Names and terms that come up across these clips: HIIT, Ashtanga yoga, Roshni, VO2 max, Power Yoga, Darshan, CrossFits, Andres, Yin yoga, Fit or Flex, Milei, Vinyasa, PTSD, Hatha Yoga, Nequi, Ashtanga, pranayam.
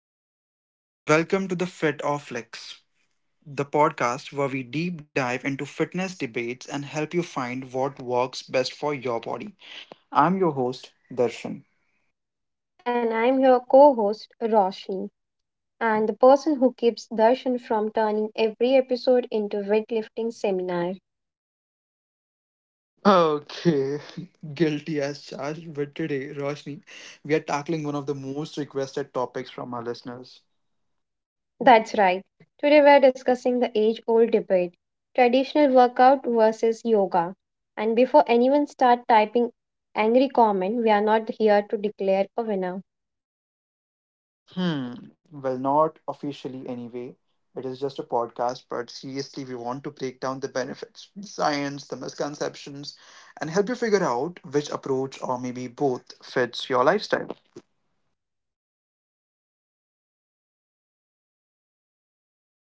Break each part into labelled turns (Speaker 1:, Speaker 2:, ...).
Speaker 1: Hey everyone, welcome to the Fit or Flex, the podcast where we deep dive into fitness debates and help you find what works best for your body. I'm your host, Darshan.
Speaker 2: And I'm your co host, Roshni, and the person who keeps Darshan from turning every episode into weightlifting seminar.
Speaker 1: Okay, guilty as charged, but today, Roshni, we are tackling one of the most requested topics from our listeners.
Speaker 2: That's right. Today we're discussing the age old debate, traditional workout versus yoga. And before anyone start typing angry comment, we are not here to declare a winner.
Speaker 1: Hmm. Well, not officially anyway. It is just a podcast, but seriously, we want to break down the benefits, the science, the misconceptions, and help you figure out which approach or maybe both fits your lifestyle.
Speaker 2: So, whether you're team dumbbells or team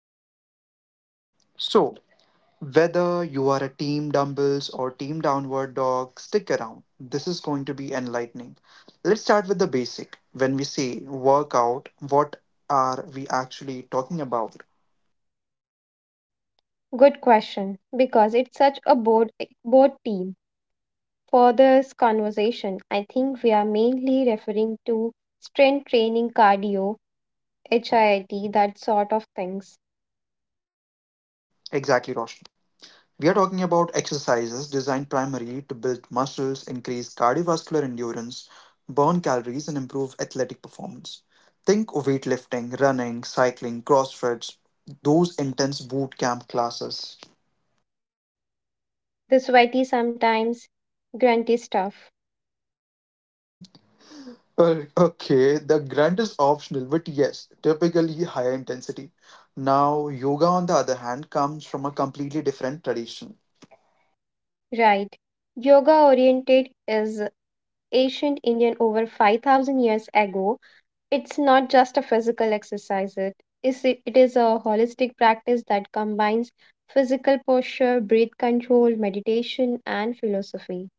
Speaker 2: downward dog, stick
Speaker 1: So,
Speaker 2: around this is
Speaker 1: whether you are a team dumbbells or team downward dog, stick around. This is going to be enlightening. Let's start with the basic. When we say workout, what are we actually talking about?
Speaker 2: good question because it's such a bored team. For this conversation, I think we are mainly referring to strength training, cardio, HIIT, that sort of things.
Speaker 1: Exactly, Roshan. We are talking about exercises designed primarily to build muscles, increase cardiovascular endurance, burn calories, and improve athletic performance. Think of weightlifting, running, cycling, CrossFits, those intense boot camp classes.
Speaker 2: The sweaty, sometimes grunty stuff,
Speaker 1: Okay, the grunt is optional, but yes, typically higher intensity. Now, yoga, on the other hand, comes from a completely different tradition.
Speaker 2: right? Yoga oriented is ancient Indian over 5000 years ago. It's not just a physical exercise, it is a holistic practice that combines physical posture, breath control, meditation, and philosophy.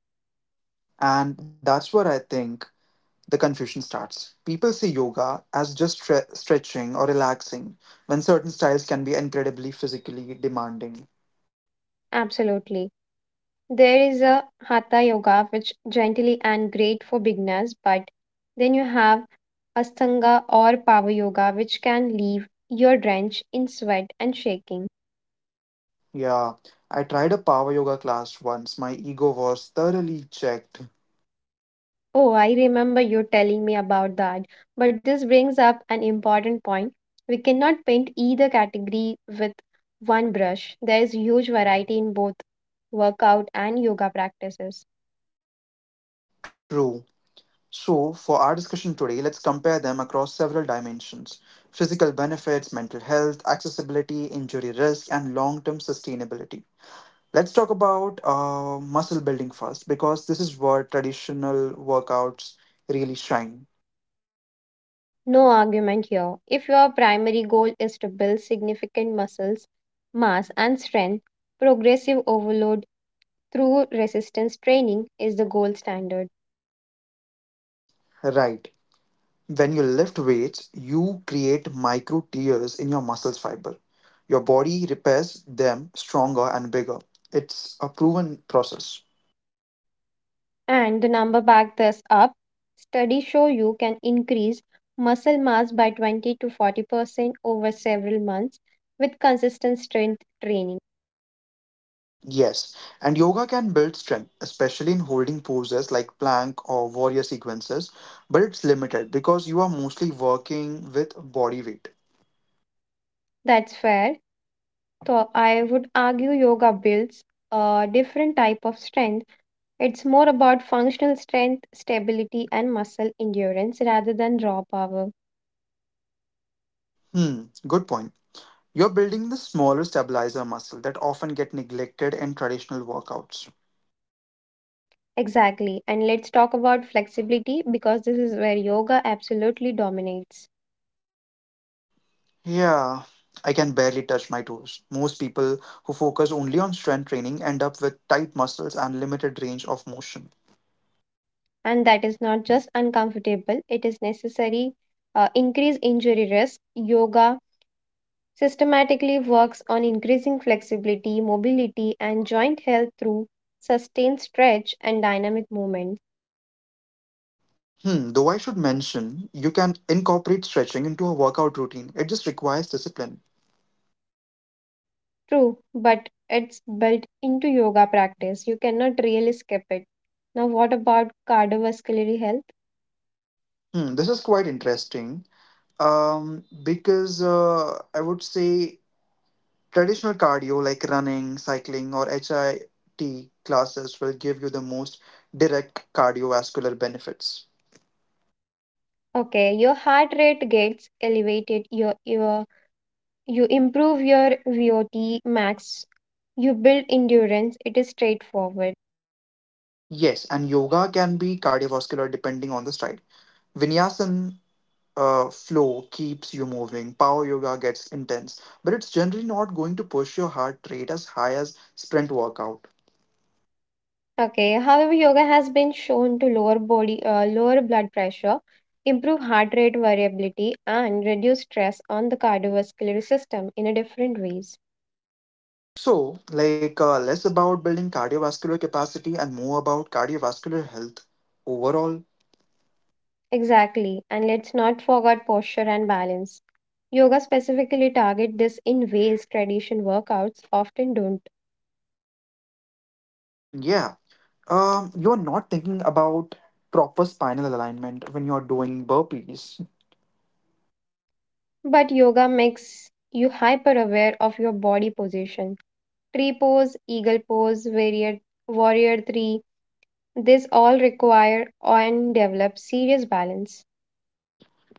Speaker 1: And that's what I think the confusion starts. People see yoga as just stretching or relaxing, when certain styles can be incredibly physically demanding.
Speaker 2: Absolutely. There is a Hatha Yoga, which gently and great for beginners, but then you have Ashtanga or Power Yoga, which can leave your drenched in sweat and shaking.
Speaker 1: Yeah, I tried a power yoga class once. My ego was thoroughly checked.
Speaker 2: Oh, I remember you telling me about that. But this brings up an important point. We cannot paint either category with one brush. There is huge variety in both workout and yoga practices.
Speaker 1: True. So, for our discussion today, let's compare them across several dimensions: physical benefits, mental health, accessibility, injury risk, and long term sustainability. Let's talk about muscle building first, because this is where traditional workouts really shine.
Speaker 2: No argument here. If your primary goal is to build significant muscles, mass, and strength, progressive overload through resistance training is the gold standard.
Speaker 1: Right. When you lift weights, you create micro tears in your muscles fiber. Your body repairs them stronger and bigger. It's a proven process.
Speaker 2: And the number back this up, studies show you can increase muscle mass by 20 to 40% over several months with consistent strength training.
Speaker 1: Yes, and yoga can build strength, especially in holding poses like plank or warrior sequences, but it's limited because you are mostly working with body weight.
Speaker 2: That's fair. So I would argue yoga builds a different type of strength. It's more about functional strength, stability, and muscle endurance rather than raw power.
Speaker 1: Hmm, good point. You're building the smaller stabilizer muscle that often get neglected in traditional workouts.
Speaker 2: Exactly. And let's talk about flexibility because this is where yoga absolutely dominates.
Speaker 1: Yeah, I can barely touch my toes. Most people who focus only on strength training end up with tight muscles and limited range of motion.
Speaker 2: And that is not just uncomfortable, it is necessary. Increase injury risk. Yoga systematically works on increasing flexibility, mobility, and joint health through sustained stretch and dynamic movement.
Speaker 1: Though I should mention, you can incorporate stretching into a workout routine. It just requires discipline.
Speaker 2: True, but it's built into yoga practice. You cannot really skip it. Now, what about cardiovascular health?
Speaker 1: This is quite interesting. Because I would say traditional cardio like running, cycling, or HIIT classes will give you the most direct cardiovascular benefits.
Speaker 2: Okay, your heart rate gets elevated, you improve your VOT max, you build endurance. It is straightforward.
Speaker 1: Yes, and yoga can be cardiovascular depending on the style. Vinyasa flow keeps you moving. Power yoga gets intense, but it's generally not going to push your heart rate as high as sprint workout.
Speaker 2: Okay, however, yoga has been shown to lower body, lower blood pressure, improve heart rate variability, and reduce stress on the cardiovascular system in a different ways.
Speaker 1: So, like less about building cardiovascular capacity and more about cardiovascular health overall.
Speaker 2: Exactly, and let's not forget posture and balance. Yoga specifically target this in ways tradition workouts often don't.
Speaker 1: Hmm, yeah. You're not thinking about proper spinal alignment when you're doing burpees.
Speaker 2: But yoga makes you hyper aware of your body position. Tree pose, eagle pose, warrior three, this all require and develop serious balance.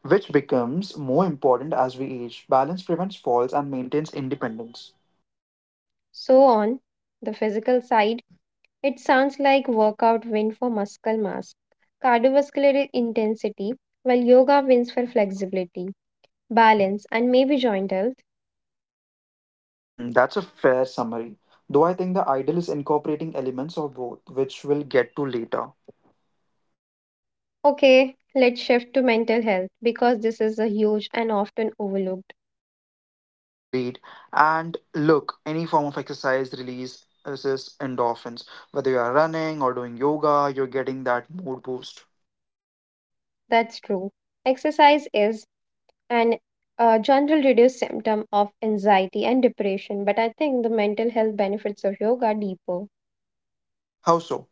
Speaker 1: Which becomes more important as we age. Balance prevents falls and maintains independence.
Speaker 2: So on the physical side, it sounds like workout win for muscle mass, cardiovascular intensity, while yoga wins for flexibility balance, and maybe joint health.
Speaker 1: That's a fair summary. Though I think the ideal is incorporating elements of both, which we'll get to later.
Speaker 2: Okay, let's shift to mental health because this is a huge and often overlooked.
Speaker 1: Agreed. And look, any form of exercise releases endorphins. Whether you are running or doing yoga, you're getting that mood boost.
Speaker 2: That's true. Exercise is an a general reduced symptom of anxiety and depression, but I think the mental health benefits of yoga are deeper.
Speaker 1: How so?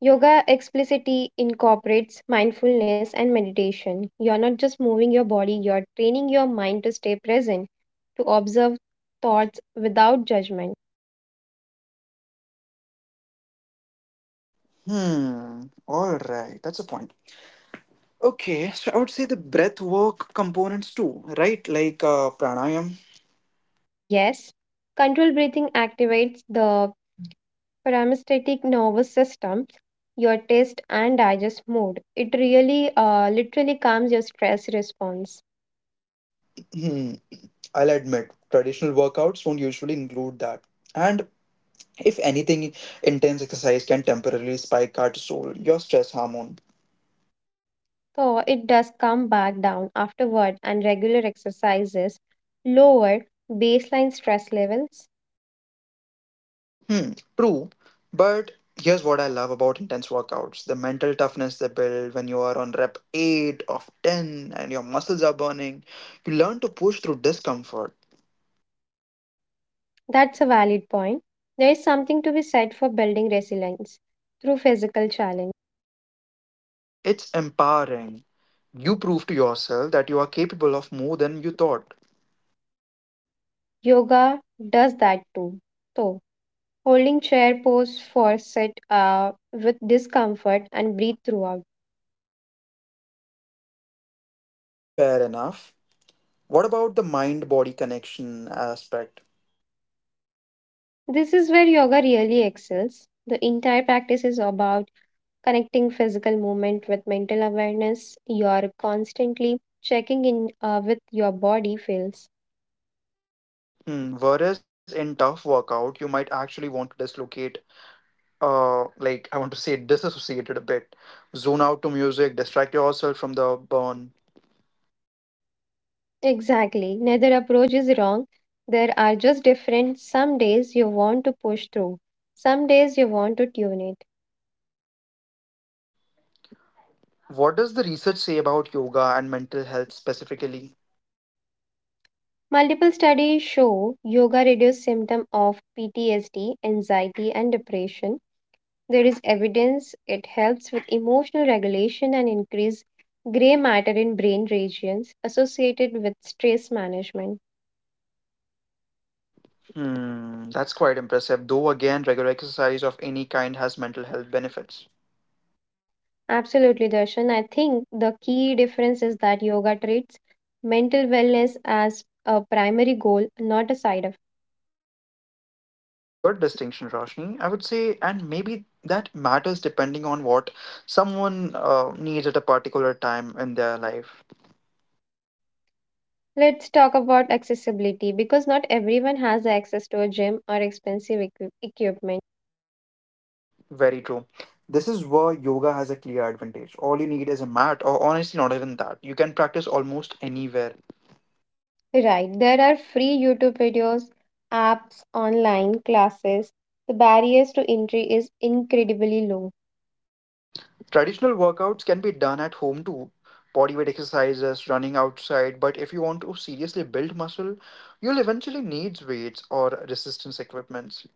Speaker 2: Yoga explicitly incorporates mindfulness and meditation. You're not just moving your body, you're training your mind to stay present, to observe thoughts without judgment.
Speaker 1: Hmm, alright, that's a point. Okay, so I would say the breath work components too, right? Like pranayam.
Speaker 2: Yes, controlled breathing activates the parasympathetic nervous system, your taste and digest mode. It really literally calms your stress response.
Speaker 1: Hmm, I'll admit, traditional workouts don't usually include that. And if anything, intense exercise can temporarily spike cortisol, your stress hormone.
Speaker 2: So it does come back down afterward and regular exercises lower baseline stress levels.
Speaker 1: Hmm, true. But here's what I love about intense workouts: the mental toughness they build when you are on rep 8 of 10 and your muscles are burning. You learn to push through discomfort.
Speaker 2: That's a valid point. There is something to be said for building resilience through physical challenge.
Speaker 1: It's empowering. You prove to yourself that you are capable of more than you thought.
Speaker 2: Yoga does that too. So holding chair pose for sit with discomfort and breathe throughout.
Speaker 1: Fair enough. What about the mind body connection aspect?
Speaker 2: This is where yoga really excels. The entire practice is about connecting physical movement with mental awareness. You're constantly checking in with your body feels.
Speaker 1: Whereas in tough workout, you might actually want to dislocate, like I want to say disassociated a bit, zone out to music, distract yourself from the burn.
Speaker 2: Exactly. Neither approach is wrong. There are just different. Some days you want to push through. Some days you want to tune in.
Speaker 1: What does the research say about yoga and mental health specifically?
Speaker 2: Multiple studies show yoga reduces symptom of PTSD, anxiety and depression. There is evidence it helps with emotional regulation and increase gray matter in brain regions associated with stress management.
Speaker 1: That's quite impressive. Though again, regular exercise of any kind has mental health benefits.
Speaker 2: Absolutely Darshan, I think the key difference is that yoga treats mental wellness as a primary goal, not a side effect.
Speaker 1: Good distinction, Roshni. I would say, and maybe that matters depending on what someone needs at a particular time in their life.
Speaker 2: Let's talk about accessibility because not everyone has access to a gym or expensive equipment.
Speaker 1: Very true. This is where yoga has a clear advantage. All you need is a mat, or honestly, not even that. You can practice almost anywhere.
Speaker 2: Right, there are free YouTube videos, apps, online classes. The barriers to entry is incredibly low.
Speaker 1: Traditional workouts can be done at home too: bodyweight exercises, running outside. But if you want to seriously build muscle, you'll eventually need weights or resistance equipments.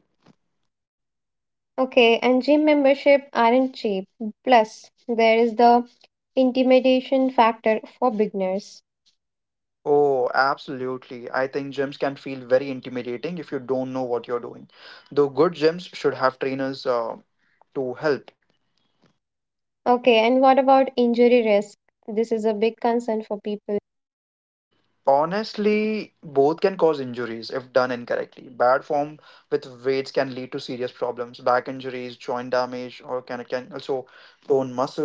Speaker 2: Okay, and gym membership aren't cheap. Plus, there is the intimidation factor for beginners.
Speaker 1: Oh, absolutely. I think gyms can feel very intimidating if you don't know what you're doing. Though good gyms should have trainers to help.
Speaker 2: Okay, and what about injury risk? This is a big concern for people
Speaker 1: Honestly, both can cause injuries if done incorrectly. Bad form with weights can lead to serious problems, back injuries, joint damage, or can also tone muscle.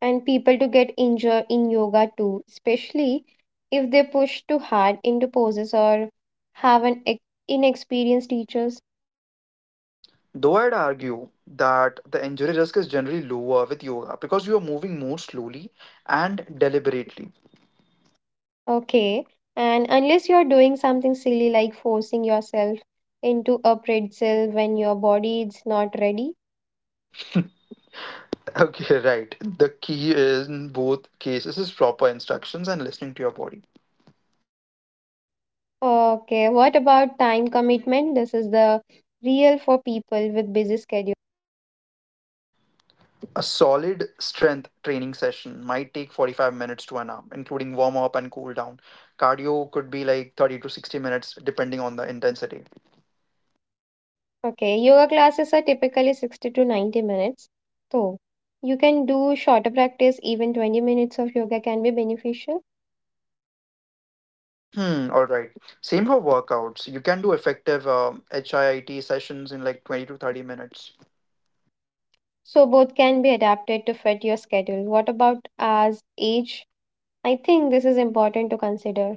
Speaker 2: and people to get injured in yoga too, especially if they push too hard into poses or have an inexperienced teachers.
Speaker 1: Though I'd argue that the injury risk is generally lower with yoga because you are moving more slowly and deliberately.
Speaker 2: Okay. And unless you're doing something silly like forcing yourself into a pretzel when your body is not ready.
Speaker 1: Okay, right. The key is in both cases is proper instructions and listening to your body.
Speaker 2: Okay. What about time commitment? This is the real for people with busy schedule.
Speaker 1: A solid strength training session might take 45 minutes to an hour, including warm up and cool down. Cardio could be like 30 to 60 minutes, depending on the intensity.
Speaker 2: Okay. Yoga classes are typically 60 to 90 minutes. So you can do shorter practice. Even 20 minutes of yoga can be beneficial.
Speaker 1: Hmm, all right. Same for workouts. You can do effective HIIT sessions in like 20 to 30 minutes.
Speaker 2: So both can be adapted to fit your schedule. What about as age? I think this is important to consider.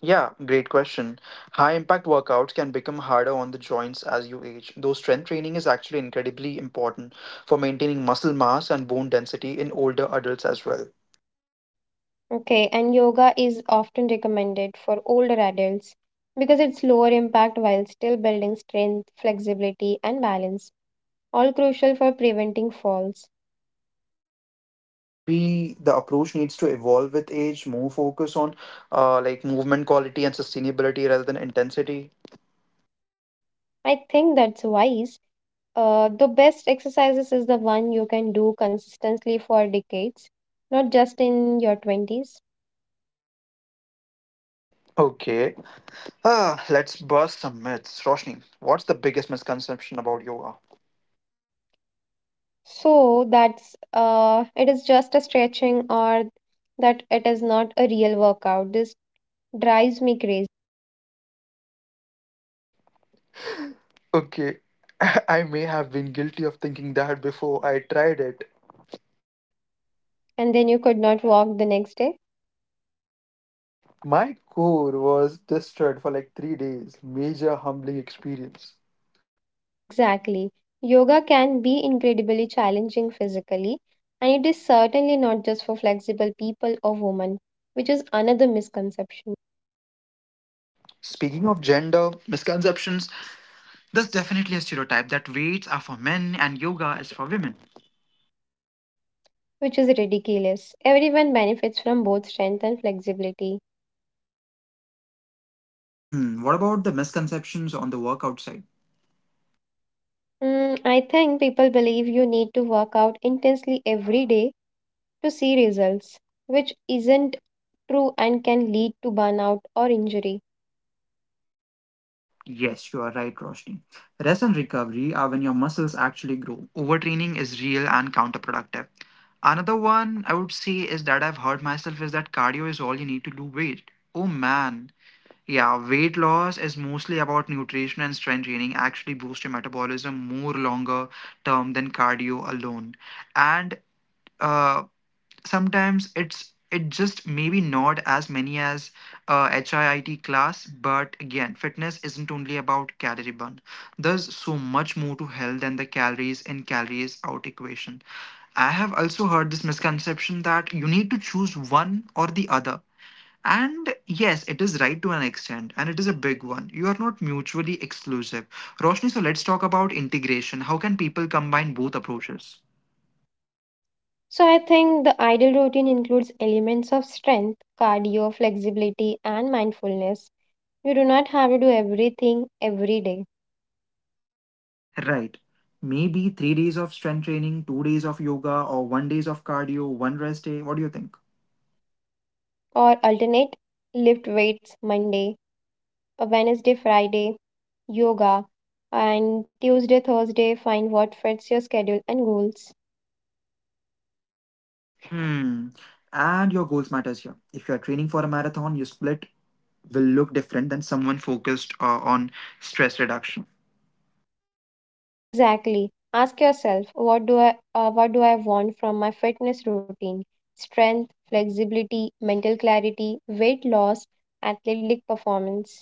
Speaker 1: Yeah, great question. High impact workouts can become harder on the joints as you age, though strength training is actually incredibly important for maintaining muscle mass and bone density in older adults as well.
Speaker 2: Okay, and yoga is often recommended for older adults because it's lower impact while still building strength, flexibility, and balance, all crucial for preventing falls.
Speaker 1: So maybe the approach needs to evolve with age, more focus on like movement quality and sustainability rather than intensity.
Speaker 2: I think that's wise. The best exercises is the one you can do consistently for decades, not just in your 20s.
Speaker 1: Okay. Let's bust some myths. Roshni, what's the biggest misconception about yoga?
Speaker 2: So that's it is just a stretching or that it is not a real workout. This drives me crazy.
Speaker 1: Okay, I may have been guilty of thinking that before I tried it.
Speaker 2: And then you could not walk the next day.
Speaker 1: My core was destroyed for like 3 days. Major humbling experience.
Speaker 2: Exactly. Yoga can be incredibly challenging physically, and it is certainly not just for flexible people or women, which is another misconception,
Speaker 1: Speaking of gender misconceptions, there's definitely a stereotype that weights are for men and yoga is for women.
Speaker 2: which is ridiculous. Everyone benefits from both strength and flexibility.
Speaker 1: What about the misconceptions on the workout side?
Speaker 2: I think people believe you need to work out intensely every day to see results, which isn't true and can lead to burnout or injury.
Speaker 1: Yes, you are right, Roshni. Rest and recovery are when your muscles actually grow. Overtraining is real and counterproductive. Another one I would say is that I've heard myself is that cardio is all you need to do weight. Oh man. Yeah, weight loss is mostly about nutrition, and strength training actually boost your metabolism more longer term than cardio alone. And uh, sometimes it just maybe not as many as HIIT class, but again, fitness isn't only about calorie burn. There's so much more to health than the calories in, calories out equation. I have also heard this misconception that you need to choose one or the other. And yes, it is right to an extent, and it is a big one. You are not mutually exclusive. Roshni, so let's talk about integration. How can people combine both approaches?
Speaker 2: So I think the ideal routine includes elements of strength, cardio, flexibility, and mindfulness. You do not have to do everything every day
Speaker 1: Right. Maybe 3 days of strength training, 2 days of yoga, or 1 days of cardio, one rest day. What do you think?
Speaker 2: or alternate lift weights Monday, a Wednesday, Friday, yoga, and Tuesday, Thursday, find what fits your schedule and goals.
Speaker 1: Hmm. And your goals matters here. If you are training for a marathon, your split will look different than someone focused on stress reduction.
Speaker 2: Exactly. Ask yourself, what do I want from my fitness routine? Strength, flexibility, mental clarity, weight loss, athletic performance.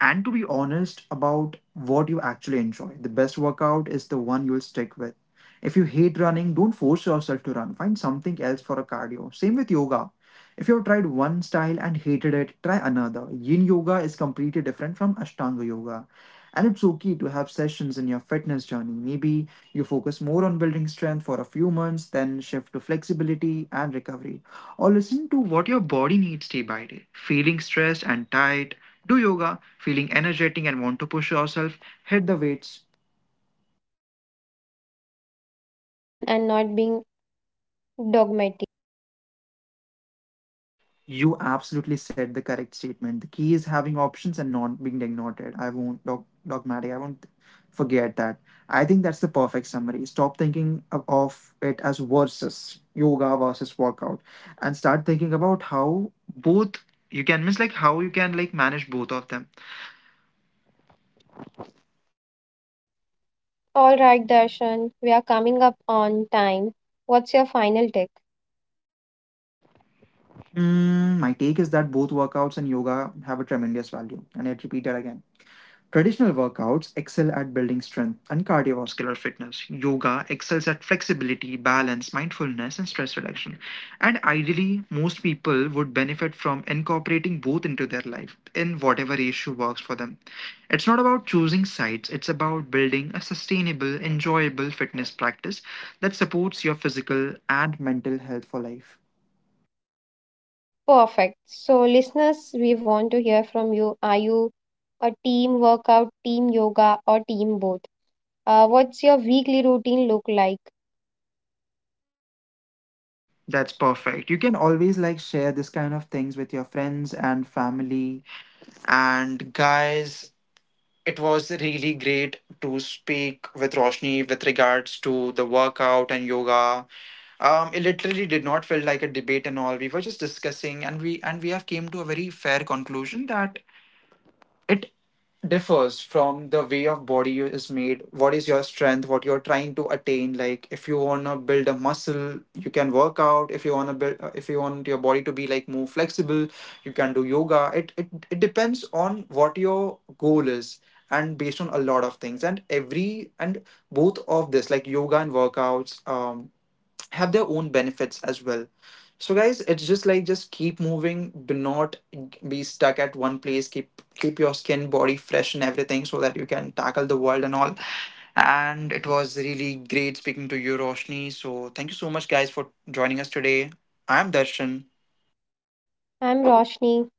Speaker 1: And to be honest about what you actually enjoy, the best workout is the one you'll stick with. If you hate running, don't force yourself to run. Find something else for a cardio. Same with yoga. If you've tried one style and hated it, try another. Yin yoga is completely different from Ashtanga yoga. And it's okay to have sessions in your fitness journey. Maybe you focus more on building strength for a few months, then shift to flexibility and recovery. Or listen to what your body needs day by day. Feeling stressed and tight, do yoga. Feeling energetic and want to push yourself, hit the weights.
Speaker 2: The key is having option and not being dogmatic.
Speaker 1: You absolutely said the correct statement. The key is having options and not being ignored. I won't dogmatic. I won't forget that. I think that's the perfect summary. Stop thinking of it as versus yoga versus workout, and start thinking about how both, you can miss, like how you can like manage both of them.
Speaker 2: All right, Darshan, we are coming up on time. What's your final take?
Speaker 1: My take is that both workouts and yoga have a tremendous value, and I repeat that again. Traditional workouts excel at building strength and cardiovascular fitness. Yoga excels at flexibility, balance, mindfulness, and stress reduction. And ideally, most people would benefit from incorporating both into their life in whatever ratio works for them. It's not about choosing sides, it's about building a sustainable, enjoyable fitness practice that supports your physical and mental health for life.
Speaker 2: Perfect. So, listeners, we want to hear from you. Are you a team workout, team yoga, or team both? What's your weekly routine look like?
Speaker 1: That's perfect. You can always like share this kind of things with your friends and family. And guys, it was really great to speak with Roshni with regards to the workout and yoga. It literally did not feel like a debate and all. We were just discussing, and we have came to a very fair conclusion that it differs from the way of body is made, what is your strength, what you're trying to attain. Like if you want to build a muscle, you can work out. If you want to build if you want your body to be like more flexible, you can do yoga. It depends on what your goal is, and based on a lot of things. And every and both of this, like yoga and workouts, have their own benefits as well. So guys, it's just like, just keep moving. Do not be stuck at one place. Keep your skin body fresh and everything so that you can tackle the world and all. And it was really great speaking to you, Roshni. So thank you so much guys for joining us today. I'm Darshan,
Speaker 2: I'm Roshni.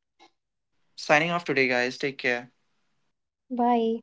Speaker 1: signing off today. Guys, take care.
Speaker 2: Bye.